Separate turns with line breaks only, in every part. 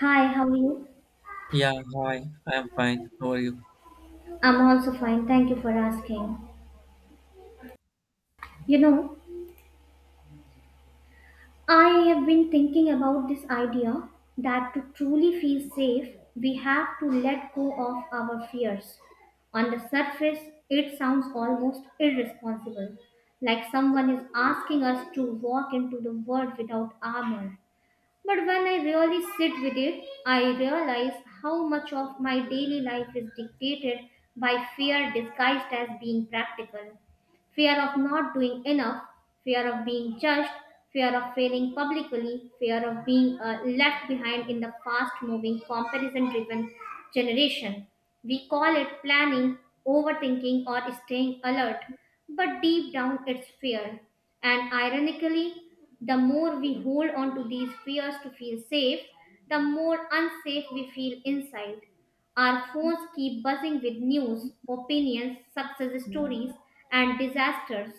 Hi, how are you?
Yeah, hi, I am fine. How are you?
I'm also fine. Thank you for asking. You know, I have been thinking about this idea that to truly feel safe, we have to let go of our fears. On the surface, it sounds almost irresponsible, like someone is asking us to walk into the world without armor. But when I really sit with it, I realize how much of my daily life is dictated by fear disguised as being practical. Fear of not doing enough, fear of being judged, fear of failing publicly, fear of being left behind in the fast moving, comparison driven generation. We call it planning, overthinking, or staying alert, but deep down it's fear. And ironically, the more we hold on to these fears to feel safe, the more unsafe we feel inside. Our phones keep buzzing with news, opinions, success stories, and disasters,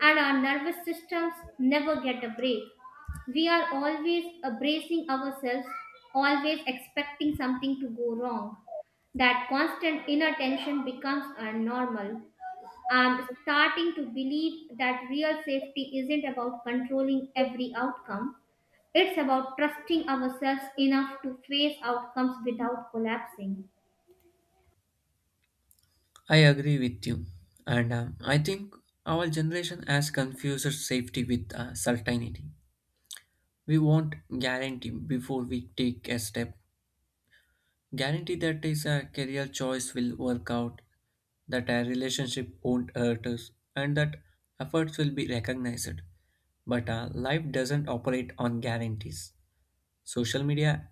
and our nervous systems never get a break. We are always bracing ourselves, always expecting something to go wrong. That constant inner tension becomes our normal. I'm starting to believe that real safety isn't about controlling every outcome. It's about trusting ourselves enough to face outcomes without collapsing.
I agree with you. And I think our generation has confused safety with certainty. We want guarantee before we take a step. Guarantee that is a career choice will work out, that a relationship won't hurt us, and that efforts will be recognized. But life doesn't operate on guarantees. Social media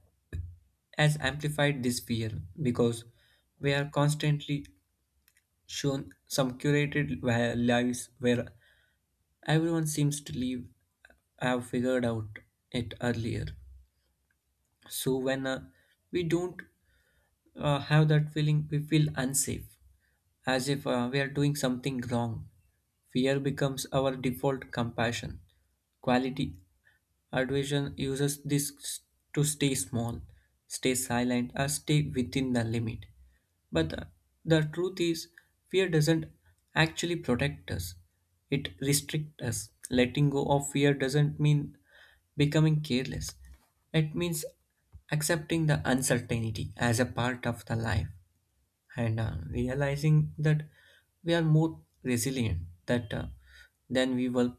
has amplified this fear because we are constantly shown some lives where everyone seems to live have figured out it earlier. So when we don't have that feeling we feel unsafe, as if we are doing something wrong. Fear becomes our default compassion. Quality Adversion uses this to stay small, stay silent, or stay within the limit. But the truth is, fear doesn't actually protect us, it restricts us. Letting go of fear doesn't mean becoming careless. It means accepting the uncertainty as a part of the life and realizing that we are more resilient that than we were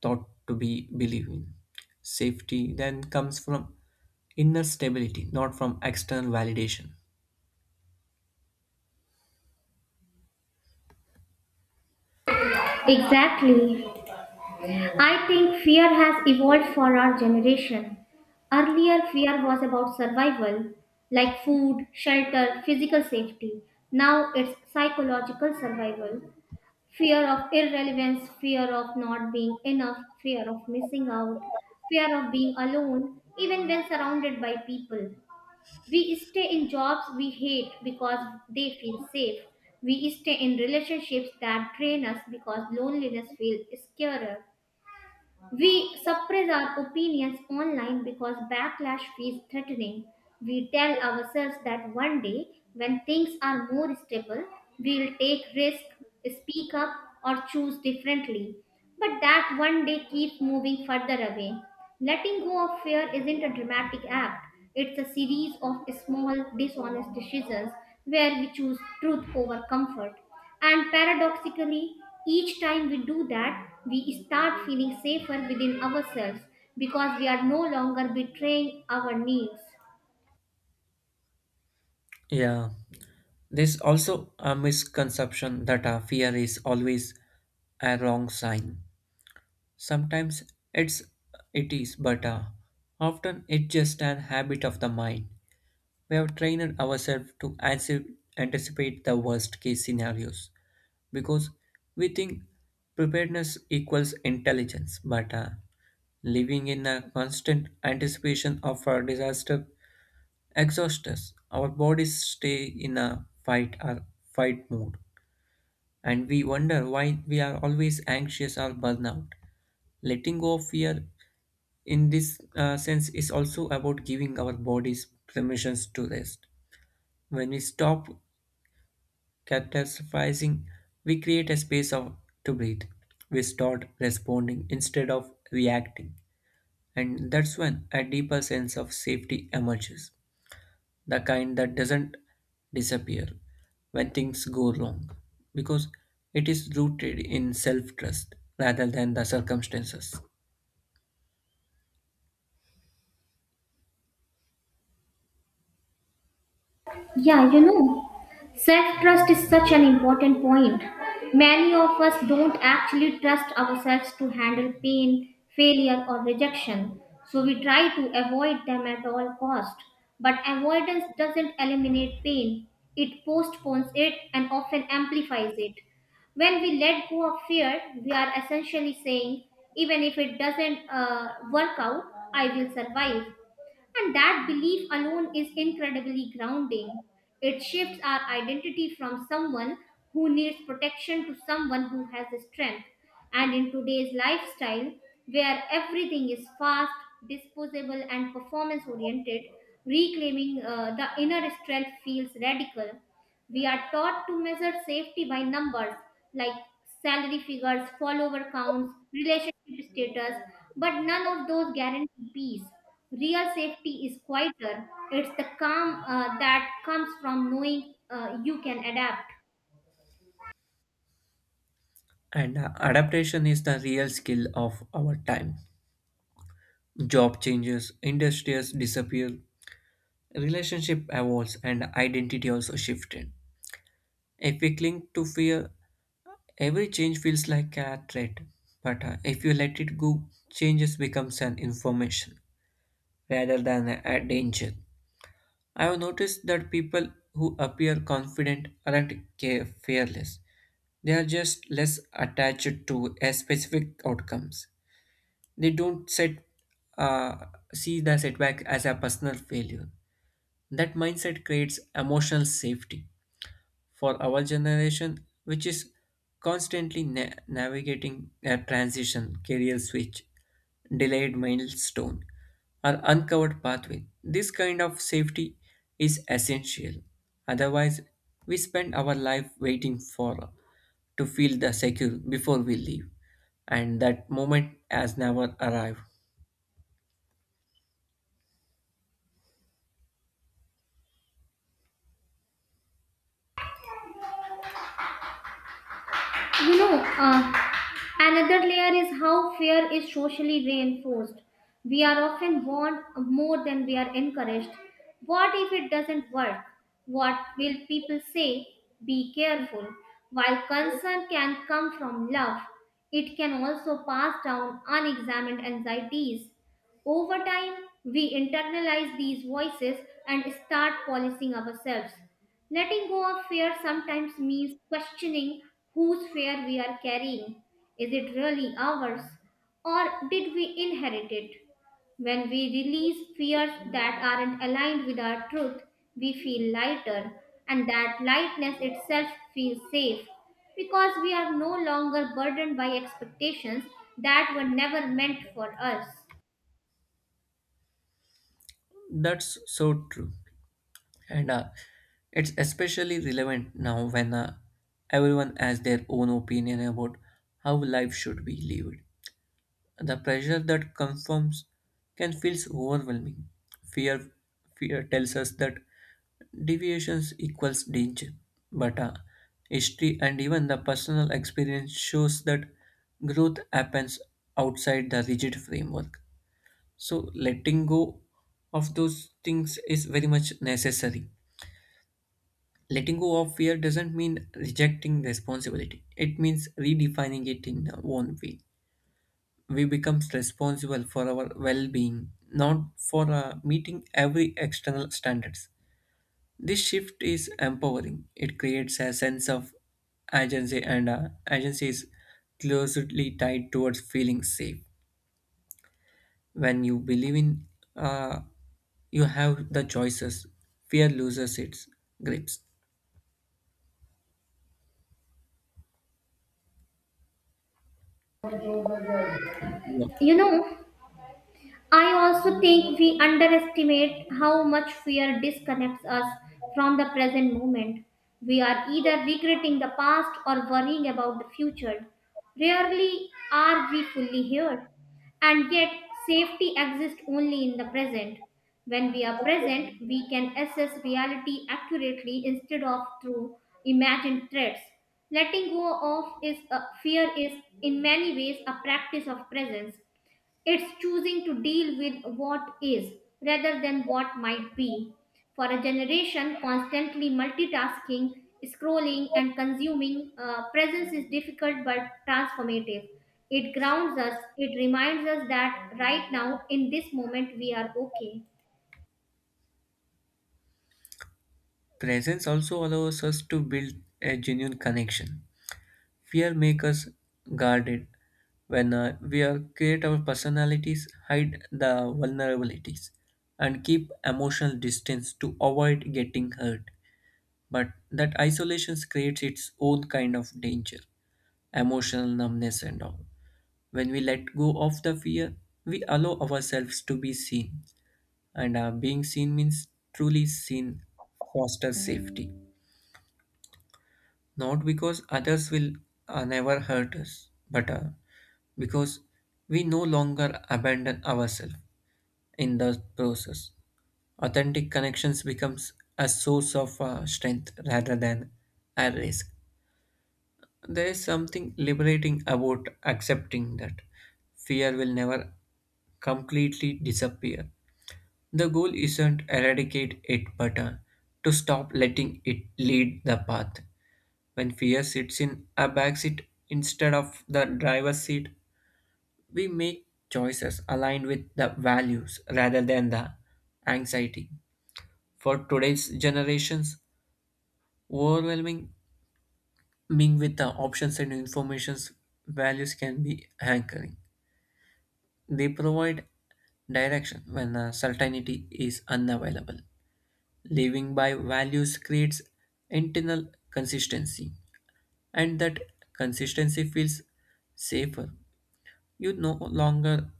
thought to be believe in. Safety then comes from inner stability, not from external validation.
Exactly. I think fear has evolved for our generation. Earlier, fear was about survival, like food, shelter, physical safety. Now it's psychological survival. Fear of irrelevance, fear of not being enough, fear of missing out, fear of being alone, even when surrounded by people. We stay in jobs we hate because they feel safe. We stay in relationships that drain us because loneliness feels scarier. We suppress our opinions online because backlash feels threatening. We tell ourselves that one day, when things are more stable, we'll take risk, speak up, or choose differently. But that one day keeps moving further away. Letting go of fear isn't a dramatic act. It's a series of small dishonest decisions where we choose truth over comfort. And paradoxically, each time we do that, we start feeling safer within ourselves because we are no longer betraying our needs.
Yeah, there's also a misconception that fear is always a wrong sign. Sometimes it's it is, but often it's just an habit of the mind. We have trained ourselves to anticipate the worst case scenarios because we think preparedness equals intelligence, but living in a constant anticipation of a disaster exhausts us. Our bodies stay in a fight or fight mode, and we wonder why we are always anxious or burnout. Letting go of fear in this sense is also about giving our bodies permissions to rest when we stop catastrophizing. We create a space of, to breathe. We start responding instead of reacting, and that's when a deeper sense of safety emerges, the kind that doesn't disappear when things go wrong because it is rooted in self trust rather than the circumstances.
Yeah, you know. Self trust is such an important point. Many of us don't actually trust ourselves to handle pain, failure, or rejection, so we try to avoid them at all cost. But avoidance doesn't eliminate pain, it postpones it and often amplifies it. When we let go of fear, we are essentially saying, even if it doesn't work out, I will survive. And that belief alone is incredibly grounding. It shifts our identity from someone who needs protection to someone who has strength. And in today's lifestyle, where everything is fast, disposable, and performance oriented, reclaiming the inner strength feels radical. We are taught to measure safety by numbers like salary figures, follower counts, relationship status, but none of those guarantee peace. Real safety is quieter, it's the calm that comes from knowing you can adapt.
And Adaptation is the real skill of our time. Job changes, industries disappear, relationship evolves, and identity also shifted. If we cling to fear, every change feels like a threat. But if you let it go, changes becomes an information rather than a danger. I have noticed that people who appear confident aren't care fearless. They are just less attached to a specific outcomes. They don't set uh, see the setback as a personal failure. That mindset creates emotional safety for our generation, which is constantly navigating a transition, career switch, delayed milestone, or uncovered pathway. This kind of safety is essential. Otherwise, we spend our life waiting for to feel the secure before we leave, and that moment has never arrived.
You know, uh, Another layer is how fear is socially reinforced. We are often warned more than we are encouraged. What if it doesn't work? What will people say? Be careful. While concern can come from love, it can also pass down unexamined anxieties. Over time, we internalize these voices and start policing ourselves. Letting go of fear sometimes means questioning whose fear we are carrying. Is it really ours? Or did we inherit it? When we release fears that aren't aligned with our truth, we feel lighter, and that lightness itself feels safe because we are no longer burdened by expectations that were never meant for us.
That's so true. And it's especially relevant now when everyone has their own opinion about how life should be lived. The pressure that conforms can feel overwhelming. Fear, fear tells us that deviations equals danger, but history and even the personal experience shows that growth happens outside the rigid framework. So letting go of those things is very much necessary. Letting go of fear doesn't mean rejecting responsibility. It means redefining it in our own way. We become responsible for our well-being, not for meeting every external standards. This shift is empowering. It creates a sense of agency, and agency is closely tied towards feeling safe. When you believe in, uh, you have the choices. Fear loses its grips. Yeah.
You know, I also think we underestimate how much fear disconnects us from the present moment. We are either regretting the past or worrying about the future. Rarely are we fully here. And yet, safety exists only in the present. When we are present, we can assess reality accurately instead of through imagined threats. Letting go of is a, Fear is in many ways a practice of presence. It's choosing to deal with what is rather than what might be. For a generation constantly multitasking, scrolling, and consuming, presence is difficult but transformative. It grounds us, it reminds us that right now, in this moment, we are okay.
Presence also allows us to build a genuine connection. Fear makes us guarded. When we are, create our personalities, hide the vulnerabilities, and keep emotional distance to avoid getting hurt. But that isolation creates its own kind of danger, emotional numbness and all. When we let go of the fear, we allow ourselves to be seen, and being seen means truly seen fosters safety not because others will never hurt us, but because we no longer abandon ourselves in the process. Authentic connections becomes a source of strength rather than a risk. There is something liberating about accepting that fear will never completely disappear. The goal isn't eradicate it, but to stop letting it lead the path. When fear sits in a backseat instead of the driver's seat, we make choices aligned with the values rather than the anxiety. For today's generations, overwhelming ming with the options and informations, values can be anchoring. They provide direction when certainty is unavailable. Living by values creates internal consistency, and that consistency feels safer. You no longer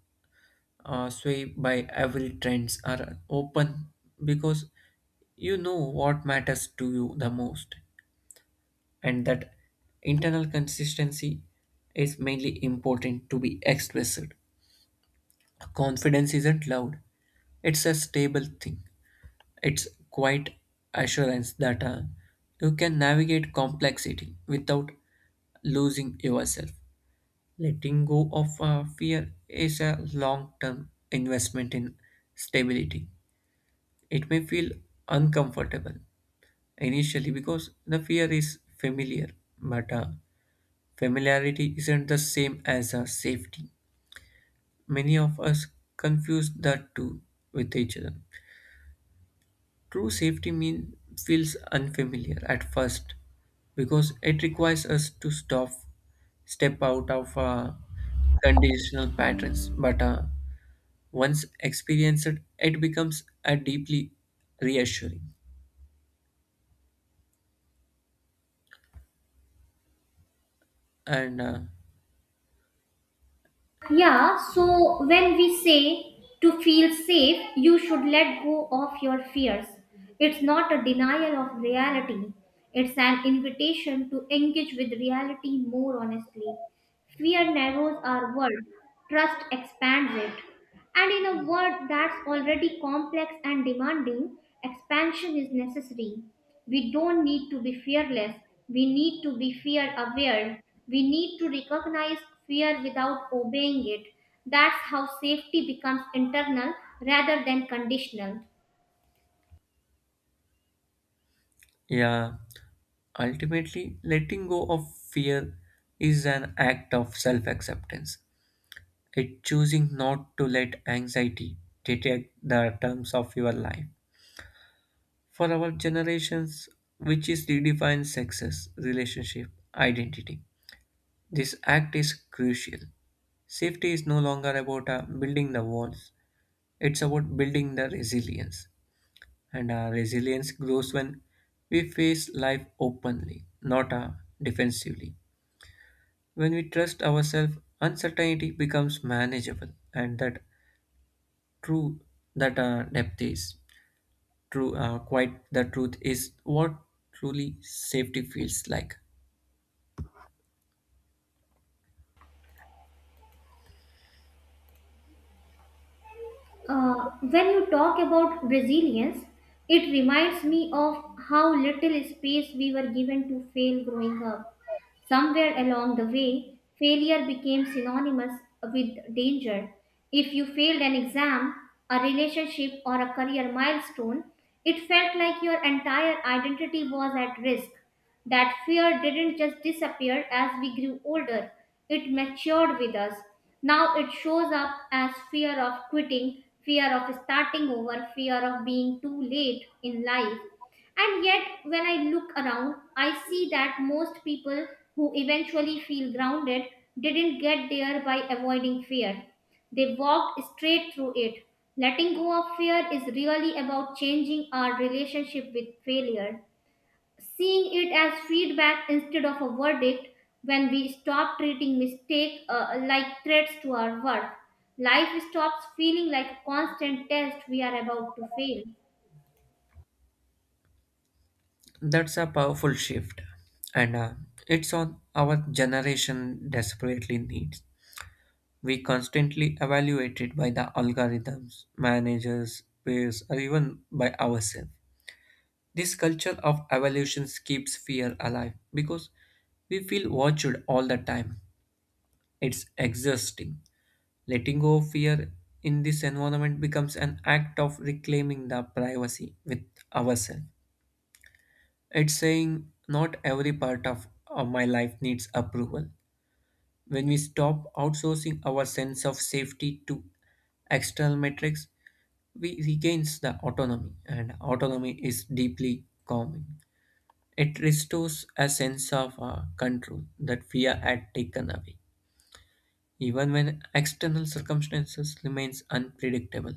sway by every trends are open because you know what matters to you the most, and that internal consistency is mainly important to be expressed. Confidence isn't loud, it's a stable thing, it's quite assurance that you can navigate complexity without losing yourself. Letting go of fear is a long term investment in stability. It may feel uncomfortable initially because the fear is familiar, but familiarity isn't the same as safety. Many of us confuse the two with each other. True safety mean feels unfamiliar at first because it requires us to stop, step out of conditional patterns. But once experienced it becomes a deeply reassuring and
Yeah, so when we say to feel safe, you should let go of your fears. It's not a denial of reality, it's an invitation to engage with reality more honestly. Fear narrows our world, trust expands it. And in a world that's already complex and demanding, expansion is necessary. We don't need to be fearless, we need to be fear aware. We need to recognize fear without obeying it. That's how safety becomes internal rather than conditional.
yeah, ultimately letting go of fear is an act of self-acceptance. It choosing not to let anxiety dictate the terms of your life for our generations, which is redefine success relationship identity. This act is crucial. Safety is no longer about building the walls, it's about building the resilience. And our resilience grows when we face life openly, not defensively. When we trust ourselves, uncertainty becomes manageable, and that true that depth is true. Quite the truth is what truly safety feels like.
When you talk about resilience, it reminds me of how little space we were given to fail growing up. Somewhere along the way, failure became synonymous with danger. If you failed an exam, a relationship, or a career milestone, it felt like your entire identity was at risk. That fear didn't just disappear as we grew older, it matured with us. Now it shows up as fear of quitting, fear of starting over, fear of being too late in life. And yet, when I look around, I see that most people who eventually feel grounded didn't get there by avoiding fear. They walked straight through it. Letting go of fear is really about changing our relationship with failure, seeing it as feedback instead of a verdict. When we stop treating mistake like threats to our worth, life stops feeling like a constant test we are about to fail.
That's a powerful shift, and it's on our generation desperately needs. We constantly evaluated by the algorithms, managers, peers, or even by ourselves. This culture of evolution keeps fear alive because we feel watched all the time. It's exhausting. Letting go of fear in this environment becomes an act of reclaiming the privacy with ourselves. It's saying not every part of my life needs approval. When we stop outsourcing our sense of safety to external metrics, we regain the autonomy and autonomy is deeply calming. It restores a sense of control that fear had taken away, even when external circumstances remains unpredictable.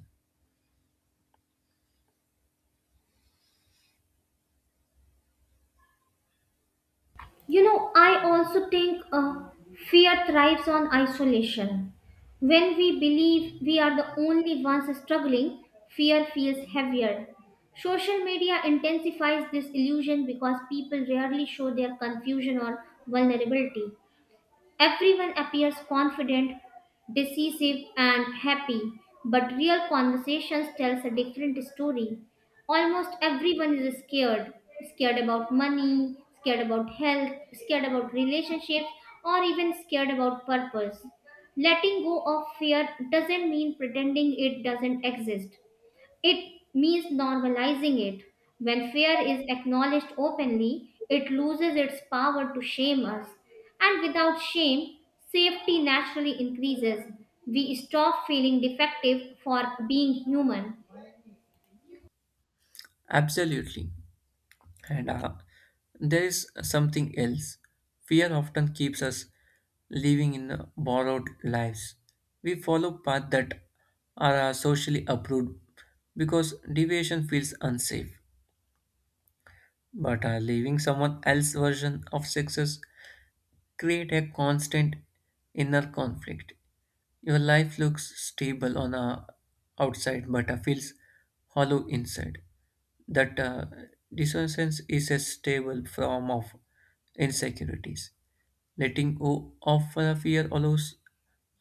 You know, I also think fear thrives on isolation. When we believe we are the only ones struggling, fear feels heavier. Social media intensifies this illusion because people rarely show their confusion or vulnerability. Everyone appears confident, decisive, and happy, but real conversations tells a different story. Almost everyone is scared, scared about money, scared about health, scared about relationships, or even scared about purpose. Letting go of fear doesn't mean pretending it doesn't exist. It means normalizing it. When fear is acknowledged openly, it loses its power to shame us. And without shame, safety naturally increases. We stop feeling defective for being human.
Absolutely, and there is something else. Fear often keeps us living in borrowed lives. We follow paths that are socially approved because deviation feels unsafe. But living someone else's version of success create a constant inner conflict. Your life looks stable on a outside but feels hollow inside. That dissonance is a stable form of insecurities. Letting go of a fear allows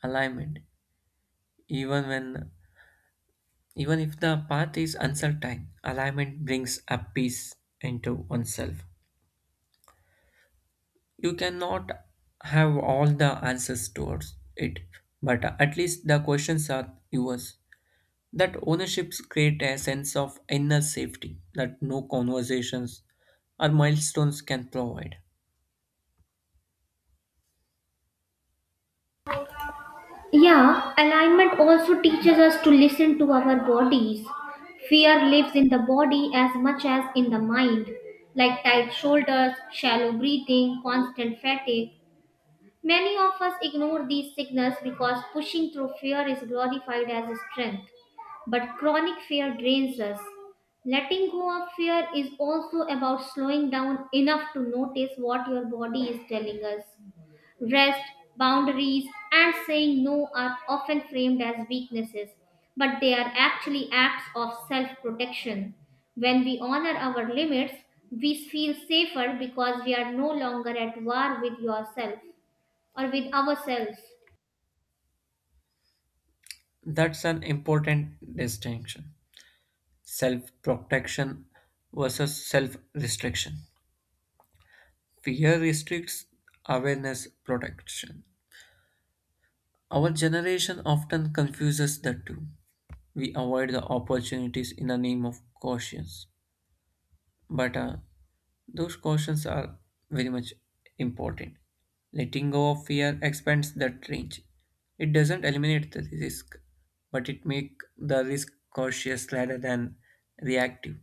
alignment, even when even if the path is uncertain. Alignment brings a peace into oneself. You cannot have all the answers towards it, but at least the questions are yours. That ownerships create a sense of inner safety that no conversations or milestones can provide.
Yeah, alignment also teaches us to listen to our bodies. Fear lives in the body as much as in the mind, like tight shoulders, shallow breathing, constant fatigue. Many of us ignore these signals because pushing through fear is glorified as a strength. But chronic fear drains us. Letting go of fear is also about slowing down enough to notice what your body is telling us. Rest, boundaries, and saying no are often framed as weaknesses, but they are actually acts of self protection. When we honor our limits, we feel safer because we are no longer at war with yourself or with ourselves.
That's an important distinction. Self protection versus self restriction. Fear restricts, awareness protection. Our generation often confuses the two. We avoid the opportunities in the name of cautions, but those cautions are very much important. Letting go of fear expands that range. It doesn't eliminate the risk, but it makes the risk cautious rather than reactive.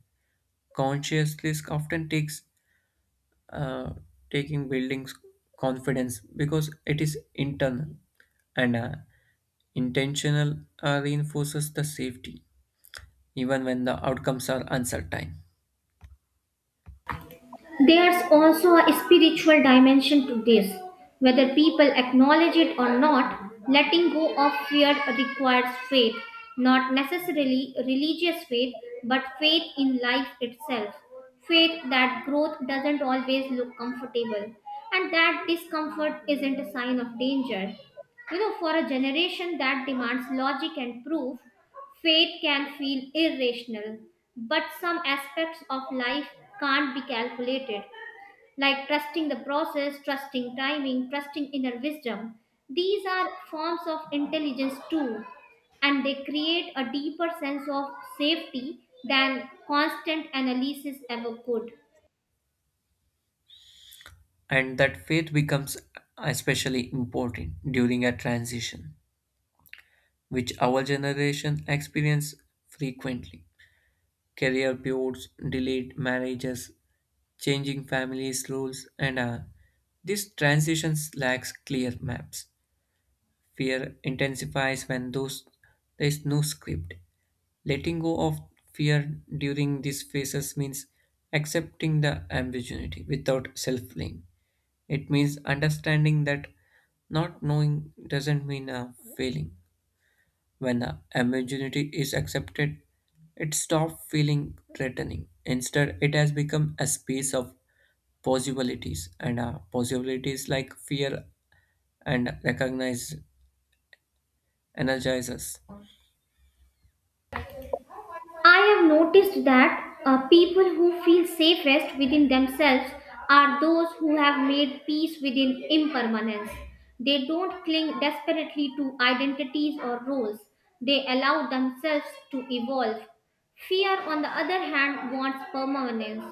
Conscious risk often takes uh, taking buildings confidence because it is internal and intentional reinforces the safety even when the outcomes are uncertain.
There's also a spiritual dimension to this. Whether people acknowledge it or not, letting go of fear requires faith, not necessarily religious faith, but faith in life itself. Faith that growth doesn't always look comfortable and that discomfort isn't a sign of danger. You know, for a generation that demands logic and proof, fate can feel irrational, but some aspects of life can't be calculated, like trusting the process, trusting timing, trusting inner wisdom. These are forms of intelligence too, and they create a deeper sense of safety than constant analysis ever could.
And that faith becomes especially important during a transition which our generation experience frequently. Career pivots, delayed marriages, changing families roles, and these transitions lacks clear maps. Fear intensifies when there is no script. Letting go of fear during these phases means accepting the ambiguity without self blame. It means understanding that not knowing doesn't mean a failing. When the ambiguity is accepted, it stops feeling threatening. Instead, it has become a space of possibilities, and possibilities like fear and recognize energize us.
I have noticed that people who feel safest within themselves are those who have made peace within impermanence. They don't cling desperately to identities or roles, they allow themselves to evolve. Fear, on the other hand, wants permanence.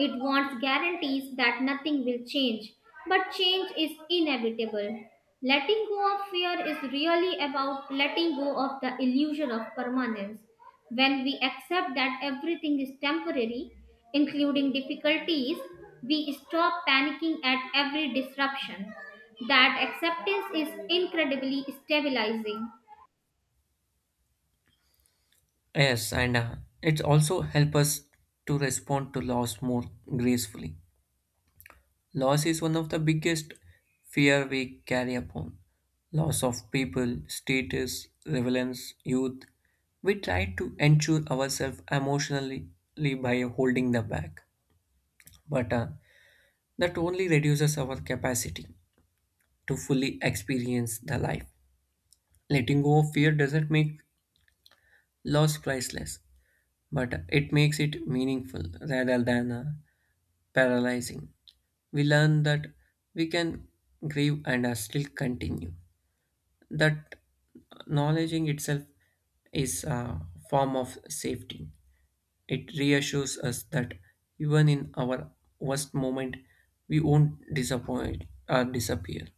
It wants guarantees that nothing will change. But change is inevitable. Letting go of fear is really about letting go of the illusion of permanence. When we accept that everything is temporary, including difficulties, we stop panicking at every disruption. That acceptance is incredibly stabilizing.
Yes, and it also helps us to respond to loss more gracefully. Loss is one of the biggest fear we carry upon. Loss of people, status, relevance, youth. We try to ensure ourselves emotionally by holding the back, but that only reduces our capacity to fully experience the life. Letting go of fear doesn't make loss priceless, but it makes it meaningful rather than paralyzing. We learn that we can grieve and still continue. That knowledging itself is a form of safety. It reassures us that even in our worst moment, we won't disappoint or disappear.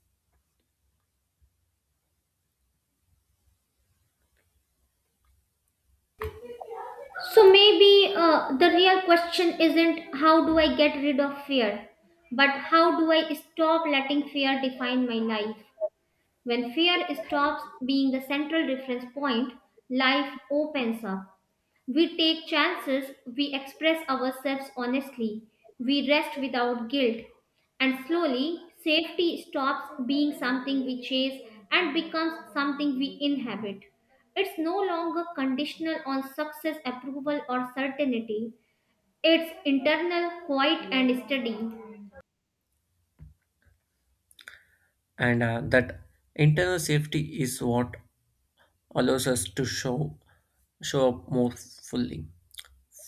So maybe the real question isn't how do I get rid of fear, but how do I stop letting fear define my life? When fear stops being the central reference point, life opens up. We take chances, we express ourselves honestly, we rest without guilt, and slowly safety stops being something we chase and becomes something we inhabit. It's no longer conditional on success, approval, or certainty. It's internal, quiet, and steady.
And that internal safety is what allows us to show up more fully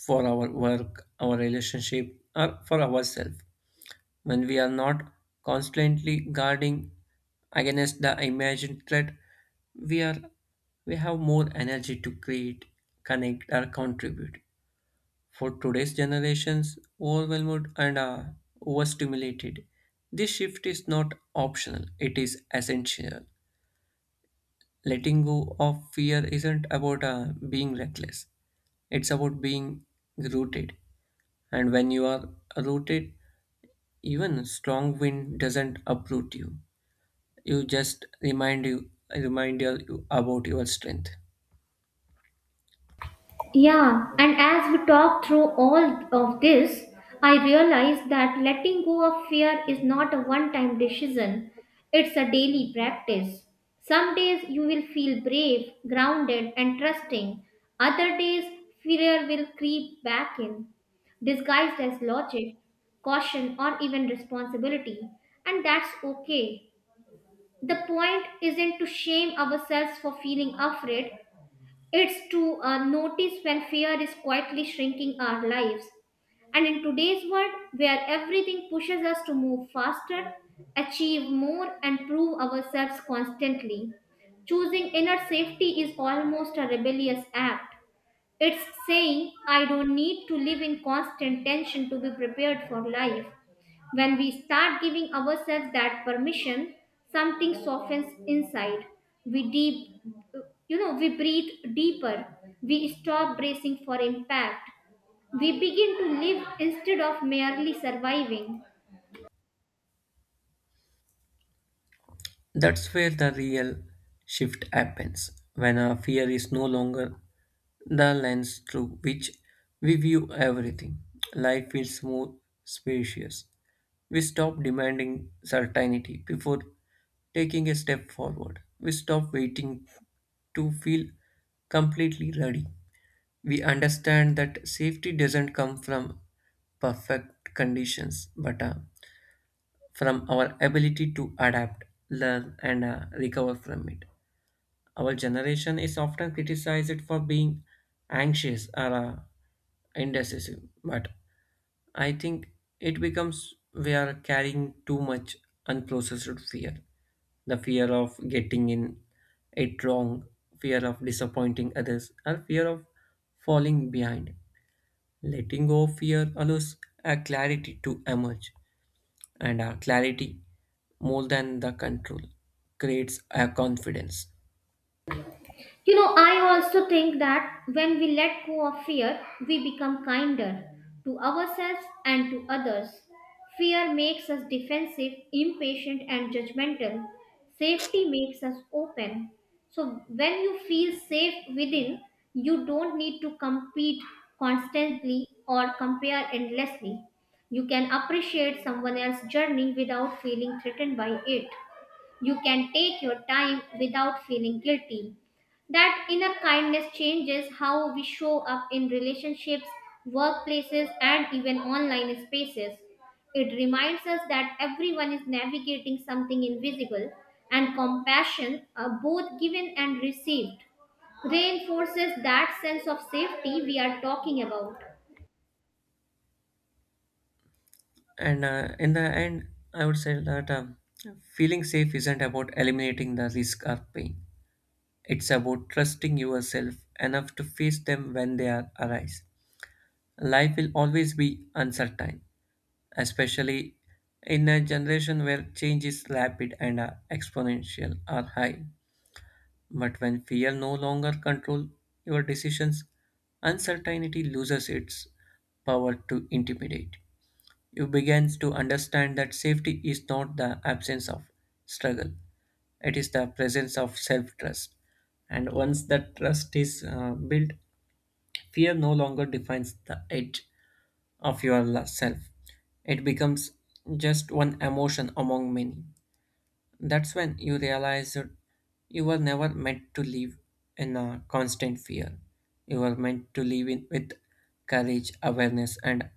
for our work, our relationship, or for ourselves. When we are not constantly guarding against the imagined threat, we are we have more energy to create, connect, or contribute. For today's generations, overwhelmed and overstimulated, this shift is not optional; it is essential. Letting go of fear isn't about being reckless, it's about being rooted. And when you are rooted, even strong wind doesn't uproot you. You just remind you about your strength.
Yeah, and as we talk through all of this, I realize that letting go of fear is not a one time decision, it's a daily practice. Some days you will feel brave, grounded, and trusting, other days, fear will creep back in, disguised as logic, caution, or even responsibility, and that's okay. The point isn't to shame ourselves for feeling afraid, it's to notice when fear is quietly shrinking our lives. And in today's world, where everything pushes us to move faster, achieve more, and prove ourselves constantly, choosing inner safety is almost a rebellious act. It's saying, I don't need to live in constant tension to be prepared for life. When we start giving ourselves that permission, something softens inside. We deep, we breathe deeper. We stop bracing for impact. We begin to live instead of merely surviving.
That's where the real shift happens when our fear is no longer the lens through which we view everything. Life feels more spacious. We stop demanding certainty before taking a step forward. We stop waiting to feel completely ready. We understand that safety doesn't come from perfect conditions but a from our ability to adapt, learn, and recover from it. Our generation is often criticized for being anxious or indecisive, but I think it becomes we are carrying too much unprocessed fear, the fear of getting in it wrong, fear of disappointing others, or fear of falling behind. Letting go of fear allows a clarity to emerge, and clarity more than the control creates a confidence.
You know, I also think that when we let go of fear, we become kinder to ourselves and to others. Fear makes us defensive, impatient, and judgmental. Safety makes us open. So, when you feel safe within, you don't need to compete constantly or compare endlessly. You can appreciate someone else's journey without feeling threatened by it. You can take your time without feeling guilty. That inner kindness changes how we show up in relationships, workplaces, and even online spaces. It reminds us that everyone is navigating something invisible, and compassion, both given and received, reinforces that sense of safety we are talking about.
And in the end, I would say that feeling safe isn't about eliminating the risk or pain, it's about trusting yourself enough to face them when they are arise. Life will always be uncertain, especially in a generation where change is rapid and exponential or high. But when fear no longer controls your decisions, uncertainty loses its power to intimidate. You begin to understand that safety is not the absence of struggle, it is the presence of self trust. And once that trust is built, fear no longer defines the edge of your self. It becomes just one emotion among many. That's when you realize that you were never meant to live in a constant fear. You were meant to live in, with courage, awareness, and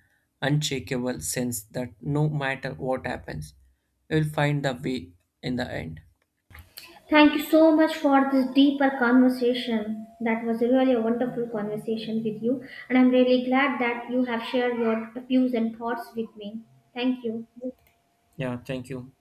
unshakable sense that no matter what happens, you'll find the way in the end.
Thank you so much for this deeper conversation. That was really a wonderful conversation with you, and I'm really glad that you have shared your views and thoughts with me. Thank you.
Yeah, thank you.